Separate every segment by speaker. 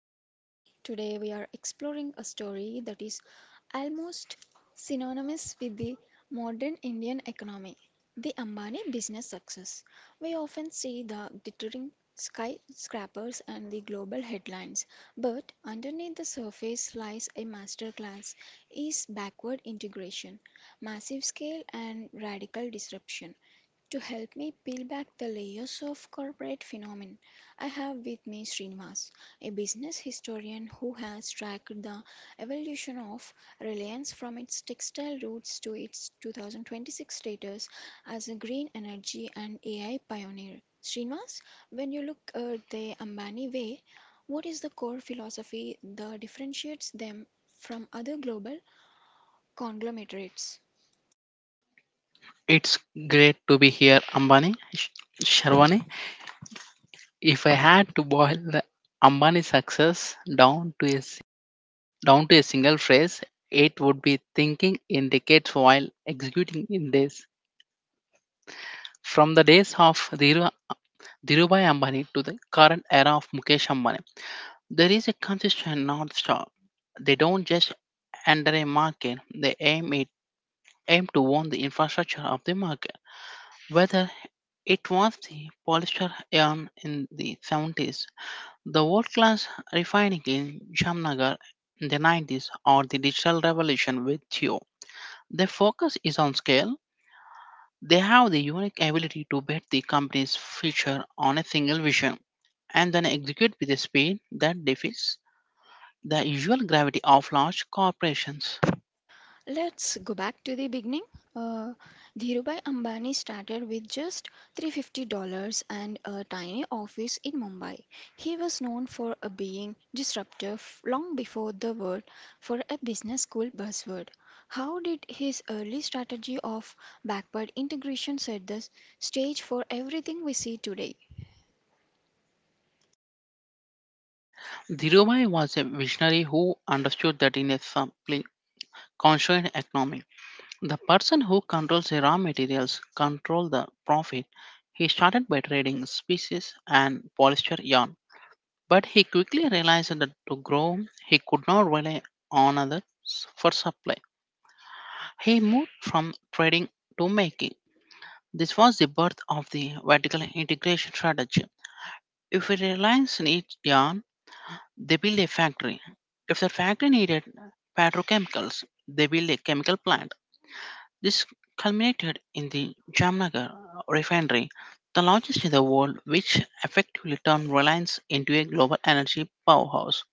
Speaker 1: Sherwani. Today we are exploring a story that is almost synonymous with the modern Indian economy, the Ambani business success. We often see the glittering skyscrapers and the global headlines, but underneath the surface lies a masterclass is backward integration, massive scale, and radical disruption. To help me peel back the layers of corporate phenomena, I have with me Srinivas, a business historian who has tracked the evolution of Reliance from its textile roots to its 2026 status as a green energy and AI pioneer. Srinivas, when you look at the Ambani way, what is the core philosophy that differentiates them from other global conglomerates?
Speaker 2: It's great to be here, Ambani. Sharwani, if I had to boil the Ambani success down to a s- down to a single phrase, it would be thinking in decades while executing in days. From the days of Dhirubhai Ambani to the current era of Mukesh Ambani, there is a consistent north star. They don't just enter a market; they aim to own the infrastructure of the market, whether it was the polyester yarn in the 70s, the world class refining in Jamnagar in the 90s, or the digital revolution with Theo. Their focus is on scale. They have the unique ability to bet the company's future on a single vision and then execute with a speed that defeats the usual gravity of large corporations.
Speaker 1: Let's go back to the beginning. Uh, Dhirubhai Ambani started with just $350 and a tiny office in Mumbai. He was known for being disruptive long before the word for a business school buzzword. How did his early strategy of backward integration set the stage for everything we see today?
Speaker 2: Dhirubhai was a visionary who understood that in a simply constrained economy, the person who controls the raw materials control the profit. He started by trading species and polyester yarn, but he quickly realized that to grow he could not rely on others for supply. He moved from trading to making. This was the birth of the vertical integration strategy. If a reliance needs yarn, they build a factory. If the factory needed petrochemicals, they build a chemical plant. This culminated in the Jamnagar refinery, the largest in the world, which effectively turned Reliance into a global energy powerhouse.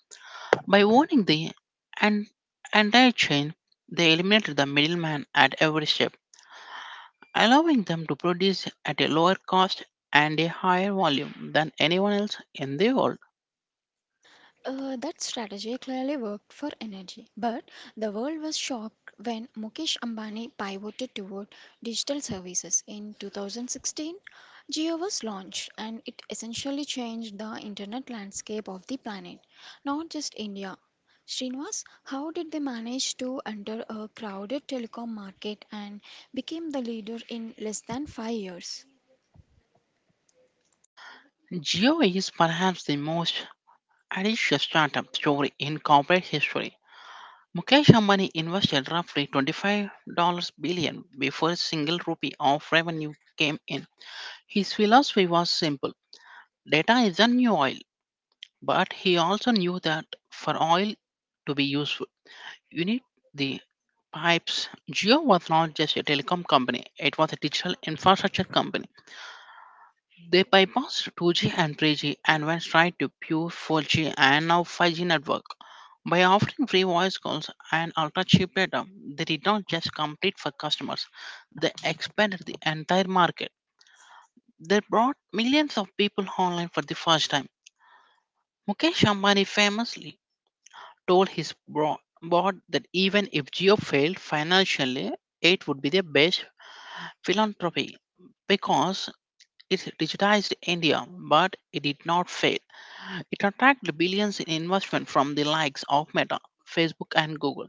Speaker 2: By owning the en- entire chain, they eliminated the middleman at every step, allowing them to produce at a lower cost and a higher volume than anyone else in the world.
Speaker 1: That strategy clearly worked for energy, but the world was shocked when Mukesh Ambani pivoted toward digital services. In 2016, Jio was launched and it essentially changed the internet landscape of the planet, not just India. Srinivas, how did they manage to enter a crowded telecom market and became the leader in less than 5 years?
Speaker 2: Geo is perhaps the most audacious startup story in corporate history. Mukesh Ambani invested roughly $25 billion before a single rupee of revenue came in. His philosophy was simple: data is the new oil, but he also knew that for oil to be useful, you need the pipes. Geo was not just a telecom company, it was a digital infrastructure company. They bypassed 2G and 3G and went straight to pure 4G and now 5G network. By offering free voice calls and ultra cheap data, they did not just compete for customers, they expanded the entire market. They brought millions of people online for the first time. Mukesh Ambani famously told his board that even if Jio failed financially, it would be the best philanthropy because it digitized India, but it did not fail. It attracted billions in investment from the likes of Meta, Facebook, and Google,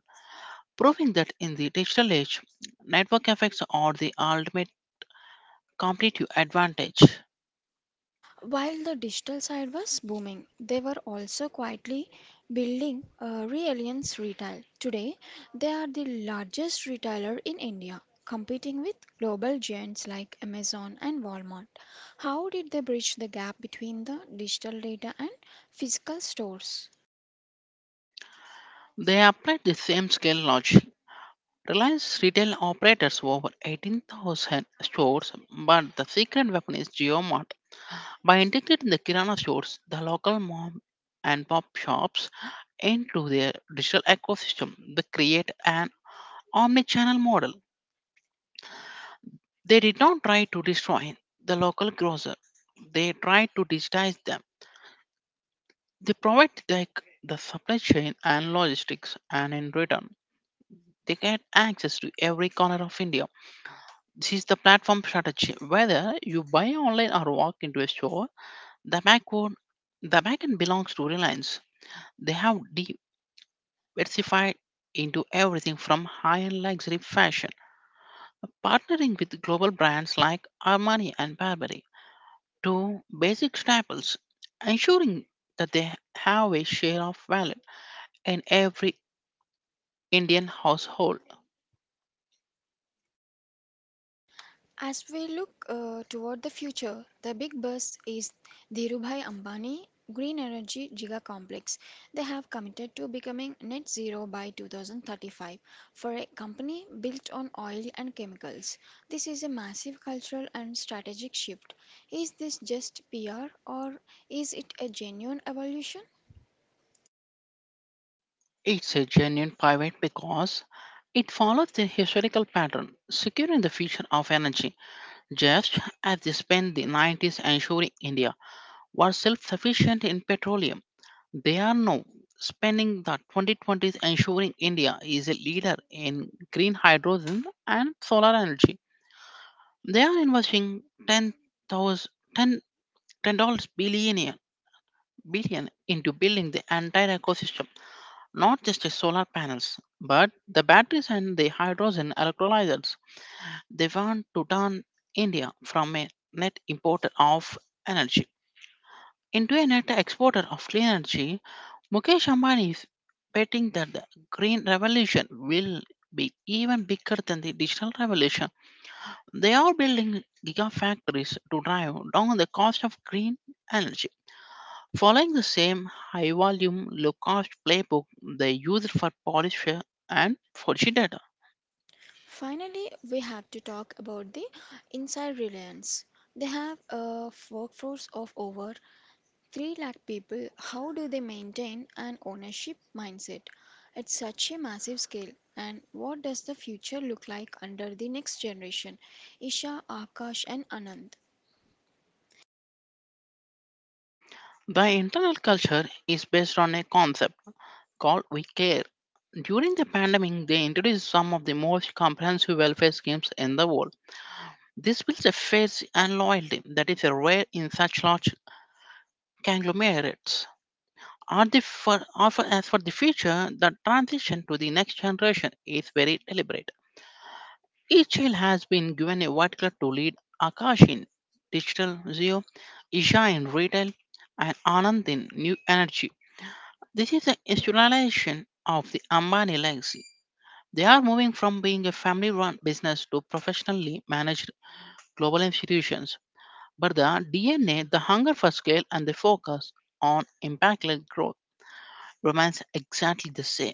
Speaker 2: proving that in the digital age, network effects are the ultimate competitive advantage.
Speaker 1: While the digital side was booming, they were also quietly building Reliance Retail. Today, they are the largest retailer in India, competing with global giants like Amazon and Walmart. How did they bridge the gap between the digital data and physical stores?
Speaker 2: They applied the same scale logic. Reliance Retail operates over 18,000 stores, but the secret weapon is GeoMart. By integrating the Kirana stores, the local mom and pop shops into their digital ecosystem, they create an omnichannel model. They did not try to destroy the local grocer. They tried to digitize them. They provide like the supply chain and logistics, and in return, they get access to every corner of India. This is the platform strategy. Whether you buy online or walk into a store, the backward, the backend belongs to Reliance. They have diversified into everything from high-end luxury fashion, partnering with global brands like Armani and Burberry to basic staples, ensuring that they have a share of wallet in every Indian household.
Speaker 1: As we look toward the future, the big buzz is Dhirubhai Ambani Green Energy Giga Complex. They have committed to becoming net zero by 2035 for a company built on oil and chemicals. This is a massive cultural and strategic shift. Is this just PR or is it a genuine evolution?
Speaker 2: It's a genuine pivot because it follows the historical pattern, securing the future of energy, just as they spent the 90s ensuring India was self sufficient in petroleum. They are now spending the 2020s ensuring India is a leader in green hydrogen and solar energy. They are investing 10,000 dollars billion into building the entire ecosystem, not just the solar panels, but the batteries and the hydrogen electrolyzers. They want to turn India from a net importer of energy into a net exporter of clean energy. Mukesh Ambani is betting that the green revolution will be even bigger than the digital revolution. They are building gigafactories to drive down the cost of green energy, following the same high volume, low cost playbook they used for Polisher and 4G data.
Speaker 1: Finally, we have to talk about the inside reliance. They have a workforce of over three lakh people. How do they maintain an ownership mindset at such a massive scale? And what does the future look like under the next generation? Isha, Akash, and Anand.
Speaker 2: The internal culture is based on a concept called We Care. During the pandemic, they introduced some of the most comprehensive welfare schemes in the world. This builds a faith and loyalty that is rare in such large conglomerates. Are the for, are for- As for the future, the transition to the next generation is very deliberate. Each child has been given a white to lead: Akash in digital Zero, Isha in retail, and Anand in new energy. This is a institutionalization of the Ambani legacy. They are moving from being a family run business to professionally managed global institutions. But the DNA, the hunger for scale, and the focus on impactless growth remains exactly the same.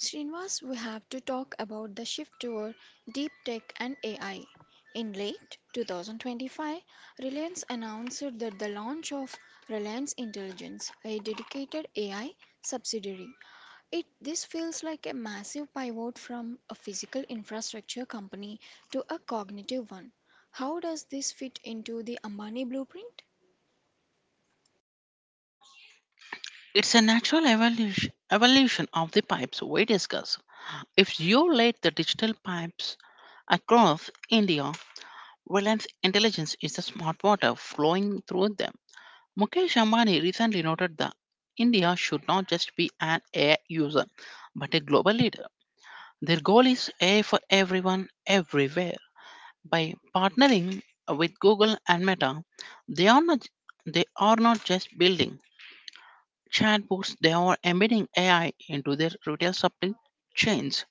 Speaker 1: Srinivas, we have to talk about the shift toward deep tech and AI. In late 2025, Reliance announced that the launch of Reliance Intelligence, a dedicated AI subsidiary. It this feels like a massive pivot from a physical infrastructure company to a cognitive one. How does this fit into the Ambani blueprint?
Speaker 2: It's a natural evolution of the pipes we discuss. If you let the digital pipes across India, Reliance Intelligence is the smart water flowing through them. Mukesh Ambani recently noted that India should not just be an AI user, but a global leader. Their goal is AI for everyone, everywhere. By partnering with Google and Meta, they are not they are not just building chatbots, they are embedding AI into their retail supply chains.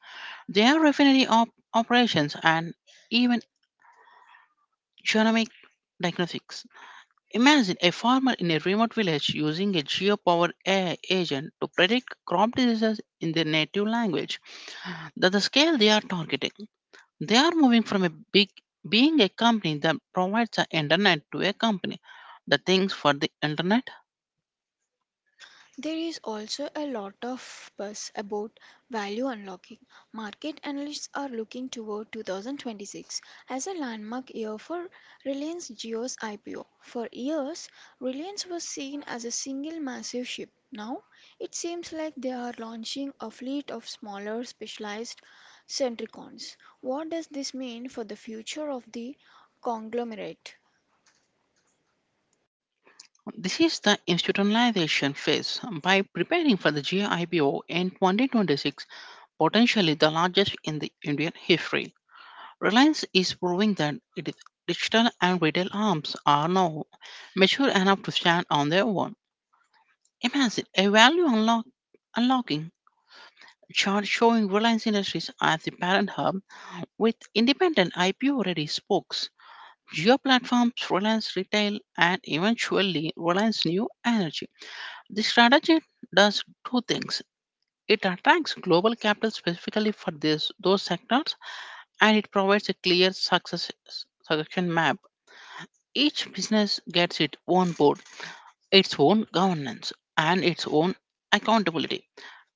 Speaker 2: They are refinery operations and even genomic diagnostics. Imagine a farmer in a remote village using a geo-powered AI agent to predict crop diseases in their native language. That's the scale they are targeting. They are moving from a big being a company that provides the internet to a company that thinks for the internet.
Speaker 1: There is also a lot of buzz about value unlocking. Market analysts are looking toward 2026 as a landmark year for Reliance Jio's IPO. For years, Reliance was seen as a single massive ship. Now, it seems like they are launching a fleet of smaller specialized centricons. What does this mean for the future of the conglomerate?
Speaker 2: This is the institutionalization phase. By preparing for the GIPO in 2026, potentially the largest in the Indian history, Reliance is proving that its digital and retail arms are now mature enough to stand on their own. Imagine a value unlocking chart showing Reliance Industries as the parent hub with independent IPO ready spokes, geo platforms, Reliance Retail, and eventually Reliance New Energy. The strategy does two things. It attracts global capital specifically for those sectors and it provides a clear succession map. Each business gets its own board, its own governance, and its own accountability.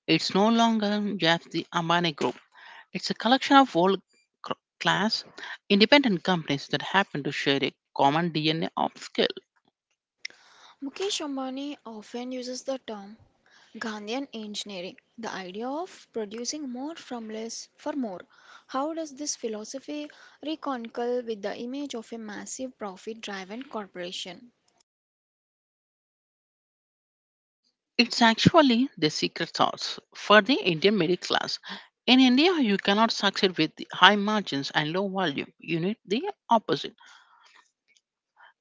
Speaker 2: It's no longer just the Ambani group. It's a collection of cr- class independent companies that happen to share a common DNA of skill.
Speaker 1: Mukesh Ambani often uses the term Gandhian engineering, the idea of producing more from less for more. How does this philosophy reconcile with the image of a massive profit driven corporation?
Speaker 2: It's actually the secret sauce for the Indian middle class. In India, you cannot succeed with the high margins and low volume. You need the opposite.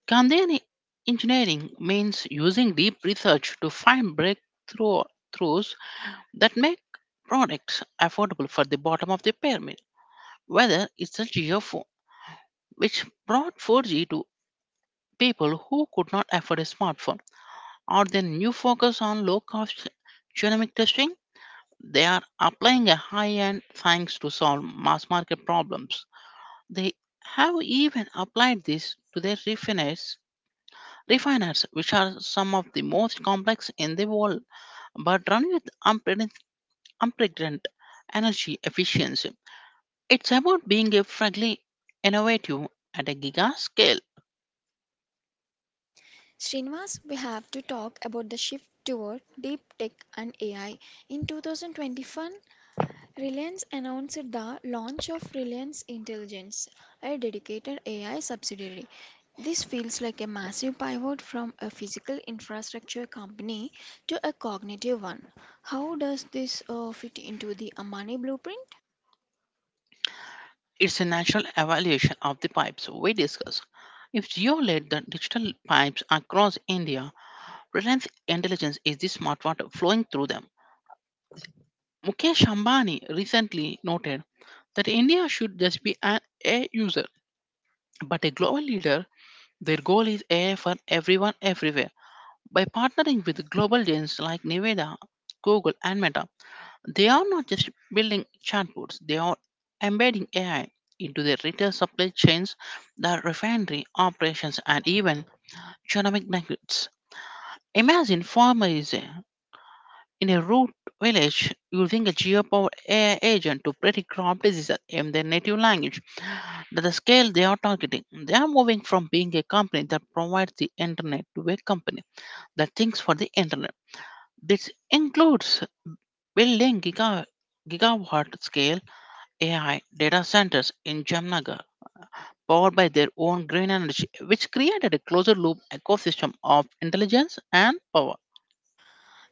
Speaker 2: Gandhian engineering means using deep research to find breakthroughs that make products affordable for the bottom of the pyramid. Whether it's a GFO, which brought 4G to people who could not afford a smartphone, or their new focus on low cost genomic testing, they are applying a high end science to solve mass market problems. They have even applied this to their refiners, which are some of the most complex in the world, but run with unprecedented energy efficiency. It's about being a frankly innovative at a giga scale.
Speaker 1: Srinivas, we have to talk about the shift toward deep tech and AI. In 2021, Reliance announced the launch of Reliance Intelligence, a dedicated AI subsidiary. This feels like a massive pivot from a physical infrastructure company to a cognitive one. How does this fit into the Amani blueprint?
Speaker 2: It's a natural evaluation of the pipes we discuss. If Geo led the digital pipes across India, Reliance Intelligence is the smart water flowing through them. Mukesh Ambani recently noted that India should just be an AI user, but a global leader. Their goal is AI for everyone everywhere. By partnering with global giants like Nevada, Google, and Meta, they are not just building chatbots, they are embedding AI into their retail supply chains, their refinery operations, and even economic networks. Imagine farmers in a rural village using a geopowered AI agent to predict crop diseases in their native language. That's the scale they are targeting. They are moving from being a company that provides the internet to a company that thinks for the internet. This includes building gigawatt scale AI data centers in Jamnagar, powered by their own green energy, which created a closer loop ecosystem of intelligence and power.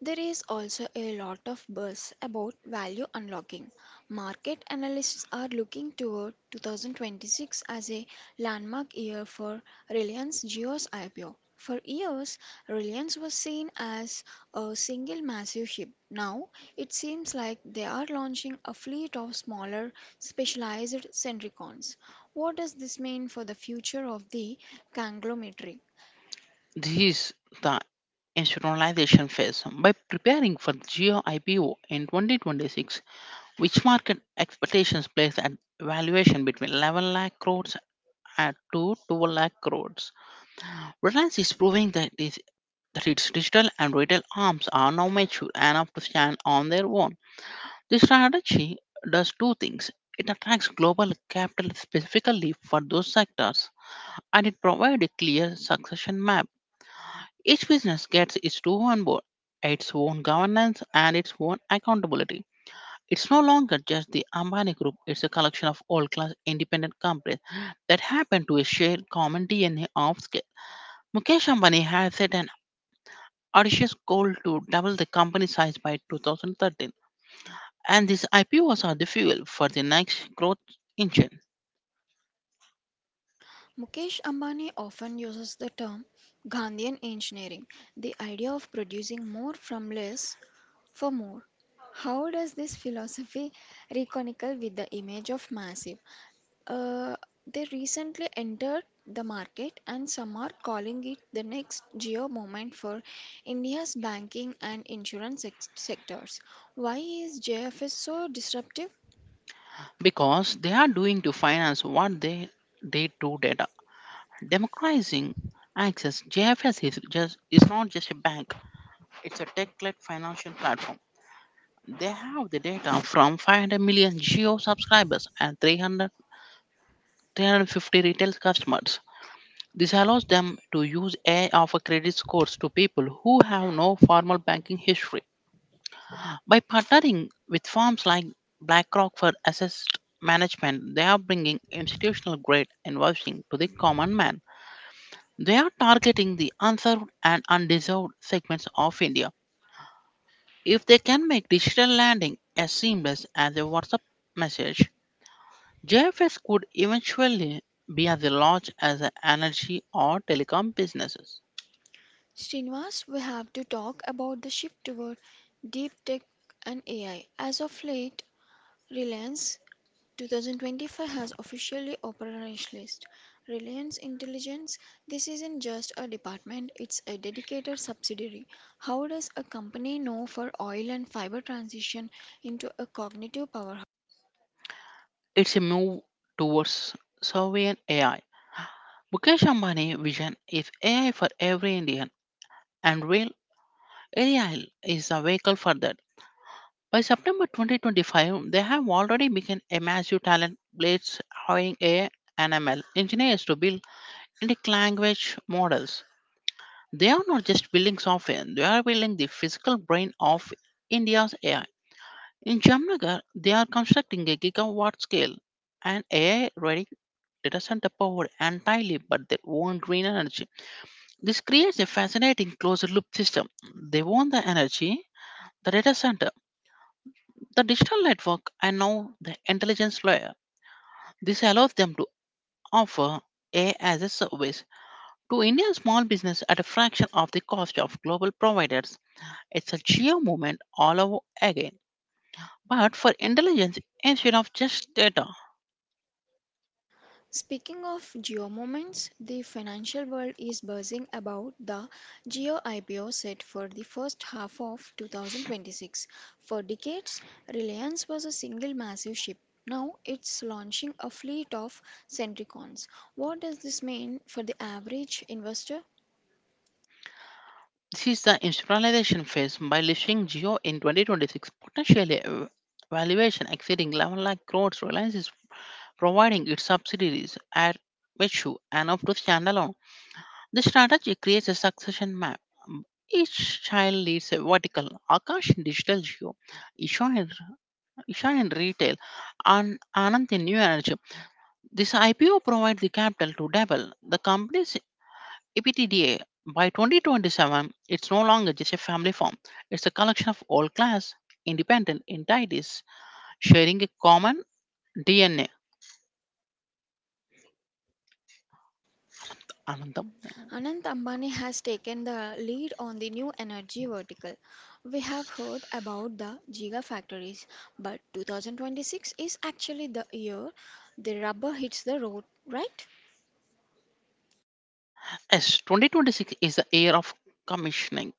Speaker 1: There is also a lot of buzz about value unlocking. Market analysts are looking toward 2026 as a landmark year for Reliance Jio's IPO. For years, Reliance was seen as a single massive ship. Now, it seems like they are launching a fleet of smaller, specialized Centricons. What does this mean for the future of the conglomerate?
Speaker 2: This is the institutionalization phase. By preparing for Geo IPO in 2026, which market expectations place an valuation between 11 lakh crores and to 12 lakh crores, Reliance is proving that its digital and retail arms are now mature enough to stand on their own. This strategy does two things. It attracts global capital specifically for those sectors, and it provides a clear succession map. Each business gets its own board, its own governance, and its own accountability. It's no longer just the Ambani Group, it's a collection of world class independent companies that happen to share common DNA of scale. Mukesh Ambani has set an audacious goal to double the company size by 2013. And these IPOs are the fuel for the next growth engine
Speaker 1: Mukesh Ambani often uses the term "Gandhian engineering", the idea of producing more from less for more. How does this philosophy reconcile with the image of massive? Uh, they recently entered the market, and some are calling it the next geo moment for India's banking and insurance sectors. Why is JFS so disruptive?
Speaker 2: because they are doing to finance what they did to data. Democratizing access, JFS is not just a bank, it's a tech-led financial platform. They have the data from 500 million geo subscribers and 350 retail customers. This allows them to use AI offer credit scores to people who have no formal banking history. By partnering with firms like BlackRock for asset management, they are bringing institutional grade investing to the common man. They are targeting the unserved and undeserved segments of India. If they can make digital lending as seamless as a WhatsApp message, JFS could eventually be as large as the energy or telecom businesses.
Speaker 1: Srinivas, we have to talk about the shift toward deep tech and AI. As of late, Reliance 2025 has officially operationalized Reliance Intelligence. This isn't just a department, it's a dedicated subsidiary. How does a company know for oil and fiber transition into a cognitive powerhouse?
Speaker 2: It's a move towards sovereign AI. Mukesh Ambani vision is AI for every Indian and real Ariel is a vehicle for that. By September 2025, they have already become a massive talent blades hiring AI and ML engineers to build unique language models. They are not just building software, they are building the physical brain of India's AI. In Jamnagar, they are constructing a gigawatt scale and AI ready data center powered entirely by their own green energy. This creates a fascinating closed loop system. They own the energy, the data center, the digital network, and now the intelligence layer. This allows them to offer AI as a service to Indian small business at a fraction of the cost of global providers. It's a geo movement all over again, but for intelligence instead of just data.
Speaker 1: Speaking of geo-moments, the financial world is buzzing about the geo-IPO set for the first half of 2026. For decades, Reliance was a single massive ship. Now it's launching a fleet of Centricons. What does this mean for the average investor?
Speaker 2: This is the institutionalization phase. By listing geo in 2026, potentially a valuation exceeding 11 lakh crores, reliance is providing its subsidiaries at Mechu and up to standalone. The strategy creates a succession map. Um, Each child leads a vertical, Akash in digital geo, Isha in, Isha in retail, and Anant in new energy. This IPO provides the capital to double the company's EBITDA. By 2027, it's no longer just a family farm. It's a collection of all class, independent entities sharing a common DNA. Anandam.
Speaker 1: Anant Ambani has taken the lead on the new energy vertical. We have heard about the gigafactories, but 2026 is actually the year the rubber hits the road, right?
Speaker 2: Yes, 2026 is the year of commissioning.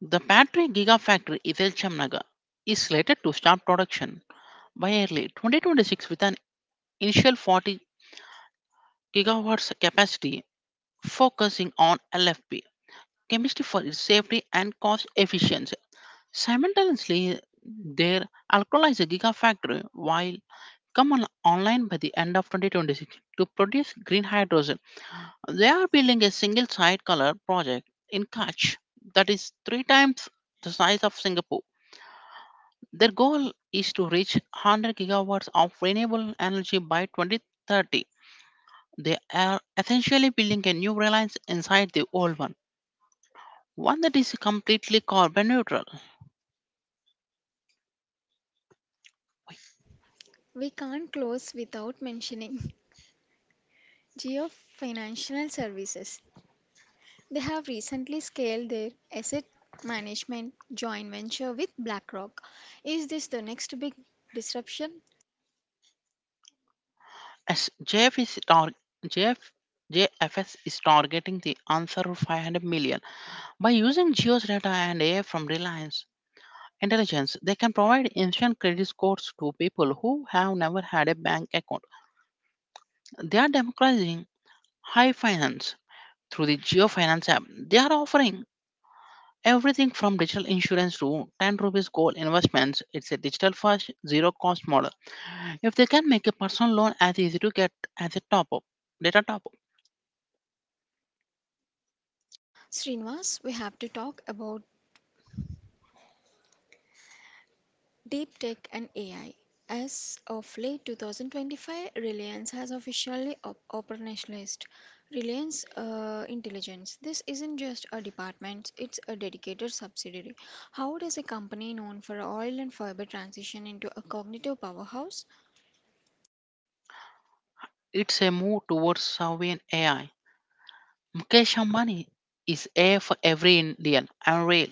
Speaker 2: The battery gigafactory Ithel Chamnaga is slated to start production by early 2026 with an initial 40 gigawatts capacity focusing on LFP chemistry for its safety and cost efficiency. Simultaneously, their alkalizer gigafactory will come on online by the end of 2026 to produce green hydrogen. They are building a single site color project in Kutch that is three times the size of Singapore. Their goal is to reach 100 gigawatts of renewable energy by 2030. They are essentially building a new reliance inside the old one, one that is completely carbon neutral.
Speaker 1: We can't close without mentioning Geo Financial Services. They have recently scaled their asset management joint venture with BlackRock. Is this the next big disruption?
Speaker 2: As JF is tar- JF JFS is targeting the answer of 500 million. By using Geo's data and AI from Reliance Intelligence, they can provide instant credit scores to people who have never had a bank account. They are democratizing high finance. Through the Geo Finance app, they are offering everything from digital insurance to 10 rupees gold investments. It's a digital first, zero cost model. If they can make a personal loan as easy to get as a top up, data top up,
Speaker 1: Srinivas, we have to talk about Deep Tech and AI. As of late 2025, Reliance has officially operationalized Reliance Intelligence. This isn't just a department, it's a dedicated subsidiary. How does a company known for oil and fiber transition into a cognitive powerhouse?
Speaker 2: it's a move towards sovereign AI. Mukesh Ambani is a for every Indian. Unreal.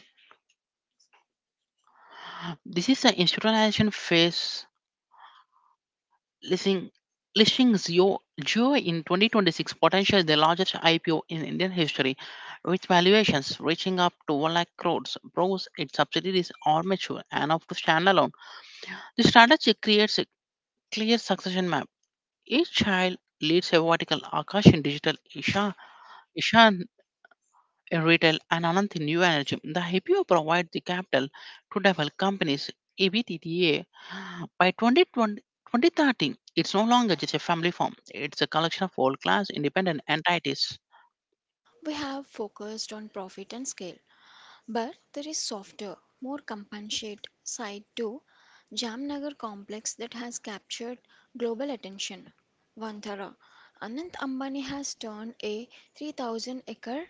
Speaker 2: This is the institutionalization phase. Listing listing Zio Jio in 2026 potential the largest IPO in Indian history, with valuations reaching up to 1 lakh crores, proves its subsidiaries are mature enough to stand alone. The strategy creates a clear succession map. Each child leads a vertical, Akash in digital, Ishan in retail, and Ananth in new energy. The IPO provides the capital to develop companies, EBTTA. By 2030, it's no longer just a family farm, it's a collection of world class independent entities.
Speaker 1: We have focused on profit and scale. But there is softer, more compassionate side to Jamnagar complex that has captured global attention. Vantara. Anant Ambani has turned a 3,000 acre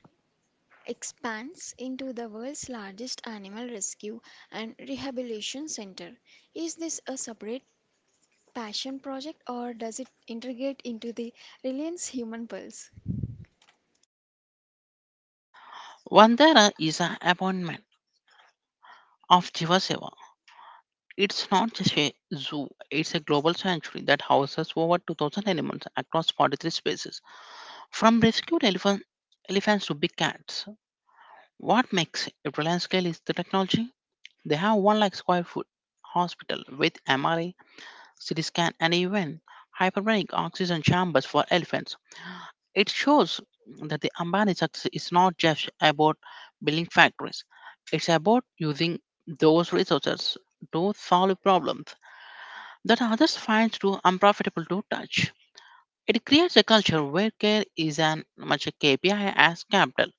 Speaker 1: expanse into the world's largest animal rescue and rehabilitation center. Is this a separate passion project or does it integrate into the Reliance Human Pulse?
Speaker 2: Vandera is an appointment of Jivaseva. It's not just a zoo, it's a global sanctuary that houses over 2,000 animals across 43 species, from elephants to big cats. What makes it Reliance scale is the technology. They have 1 lakh square foot hospital with MRI, CT scan, and even hyperbaric oxygen chambers for elephants. It shows that the Ambani success is not just about building factories, it's about using those resources to solve problems that others find too unprofitable to touch. It creates a culture where care is as much a KPI as capital.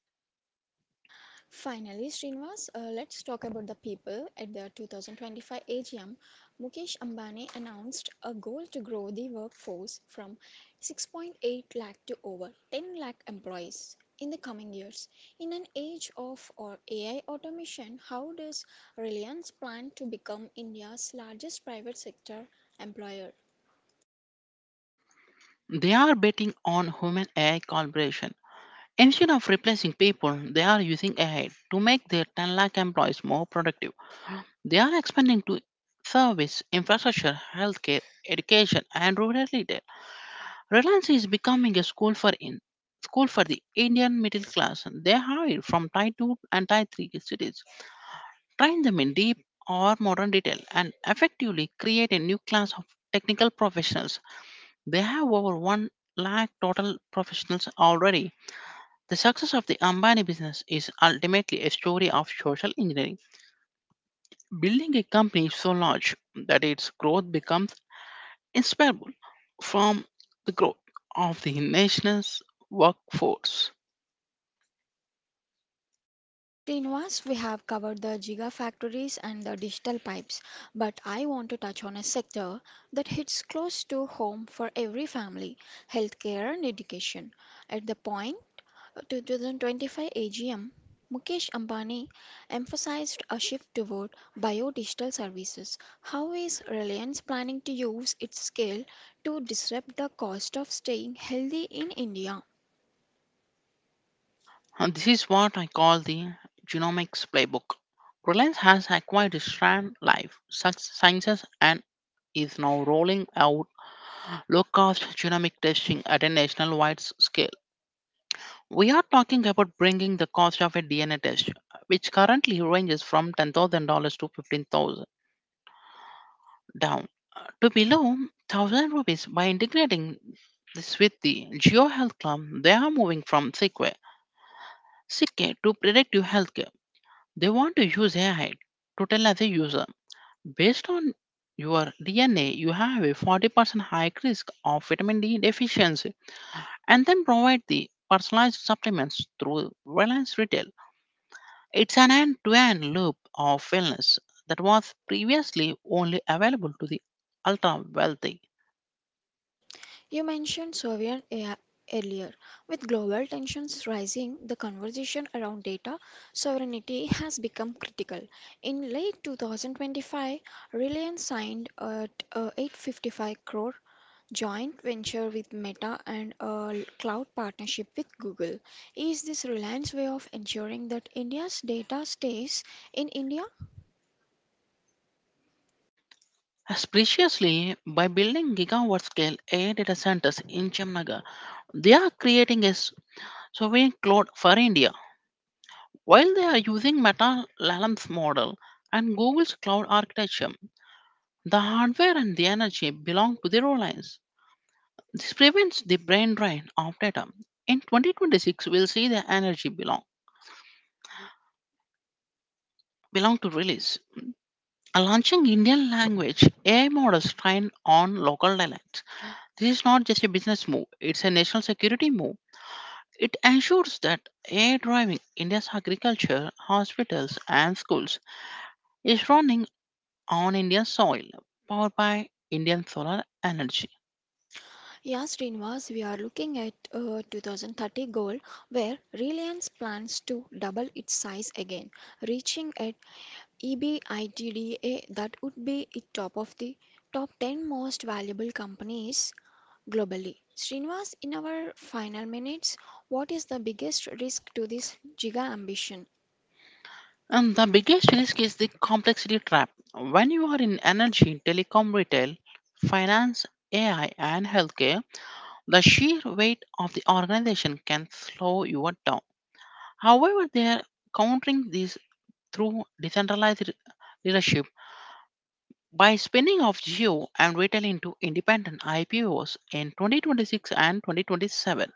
Speaker 1: Finally, Srinivas, let's talk about the people. At the 2025 AGM, Mukesh Ambani announced a goal to grow the workforce from 6.8 lakh to over 10 lakh employees in the coming years. In an age of or AI automation, how does Reliance plan to become India's largest private sector employer?
Speaker 2: They are betting on human AI collaboration. Instead of replacing people, they are using AI to make their 10 lakh employees more productive. They are expanding to service, infrastructure, healthcare, education, and rural retail. Reliance is becoming a school for the Indian middle class. They hire from Tier 2 and Tier 3 cities, train them in deep or modern detail, and effectively create a new class of technical professionals. They have over 1 lakh total professionals already. The success of the Ambani business is ultimately a story of social engineering. Building a company so large that its growth becomes inseparable from the growth of the nation's workforce.
Speaker 1: Srinivas, we have covered the gigafactories and the digital pipes, but I want to touch on a sector that hits close to home for every family healthcare and education. At the point, 2025 AGM, Mukesh Ambani emphasized a shift toward biodigital services. How is Reliance planning to use its scale to disrupt the cost of staying healthy in India?
Speaker 2: And this is what I call the genomics playbook. Reliance has acquired Sciences and is now rolling out low cost genomic testing at a national wide scale. We are talking about bringing the cost of a DNA test, which currently ranges from $10,000 to 15,000 down to below 1,000 rupees by integrating this with the GeoHealth Club. They are moving from sick care to predictive healthcare. They want to use AI to tell as a user, based on your DNA, you have a 40% high risk of vitamin D deficiency, and then provide the personalized supplements through Reliance Retail. It's an end to end loop of wellness that was previously only available to the ultra wealthy.
Speaker 1: You mentioned Soviet AI earlier. With global tensions rising, the conversation around data sovereignty has become critical. In late 2025, Reliance signed a 855 crore joint venture with Meta and a cloud partnership with Google. Is this Reliance way of ensuring that India's data stays in India?
Speaker 2: Especially by building gigawatt scale AI data centers in Chemnagar, they are creating a sovereign cloud for India. While they are using Meta Lalham's model and Google's cloud architecture, the hardware and the energy belong to the Reliance. This prevents the brain drain of data. In 2026, we'll see the energy belong to release. Launching Indian language AI models trained on local dialects. This is not just a business move, it's a national security move. It ensures that AI driving India's agriculture, hospitals, and schools is running on Indian soil, powered by Indian solar energy.
Speaker 1: Yeah, Srinivas, we are looking at a 2030 goal where Reliance plans to double its size again, reaching at EBITDA that would be at top of the top 10 most valuable companies globally. Srinivas, in our final minutes, what is the biggest risk to this giga ambition?
Speaker 2: And the biggest risk is the complexity trap. When you are in energy, telecom, retail, finance, AI, and healthcare, the sheer weight of the organization can slow you down. However, they are countering this through decentralized leadership. By spinning off Geo and retail into independent IPOs in 2026 and 2027,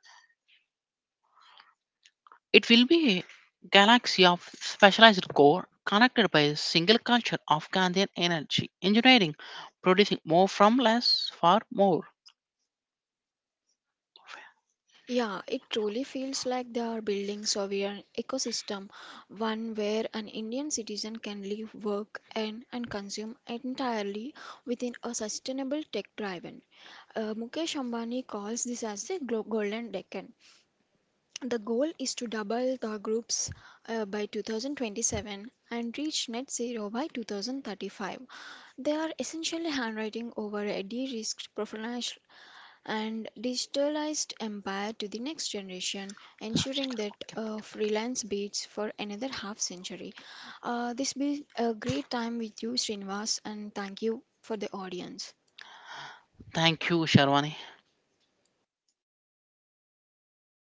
Speaker 2: it will be a galaxy of specialized core connected by a single culture of Gandhian energy engineering, producing more from less for more.
Speaker 1: Yeah, it truly feels like they are building sovereign ecosystem, one where an Indian citizen can live, work, and consume entirely within a sustainable tech-driven. Mukesh Ambani calls this as the golden decade. The goal is to double the groups by 2027 and reach net zero by 2035. They are essentially handwriting over a de-risked and digitalized empire to the next generation, ensuring that freelance beats for another half century. This been a great time with you, Srinivas, and thank you for the audience.
Speaker 2: Thank you, Sharwani.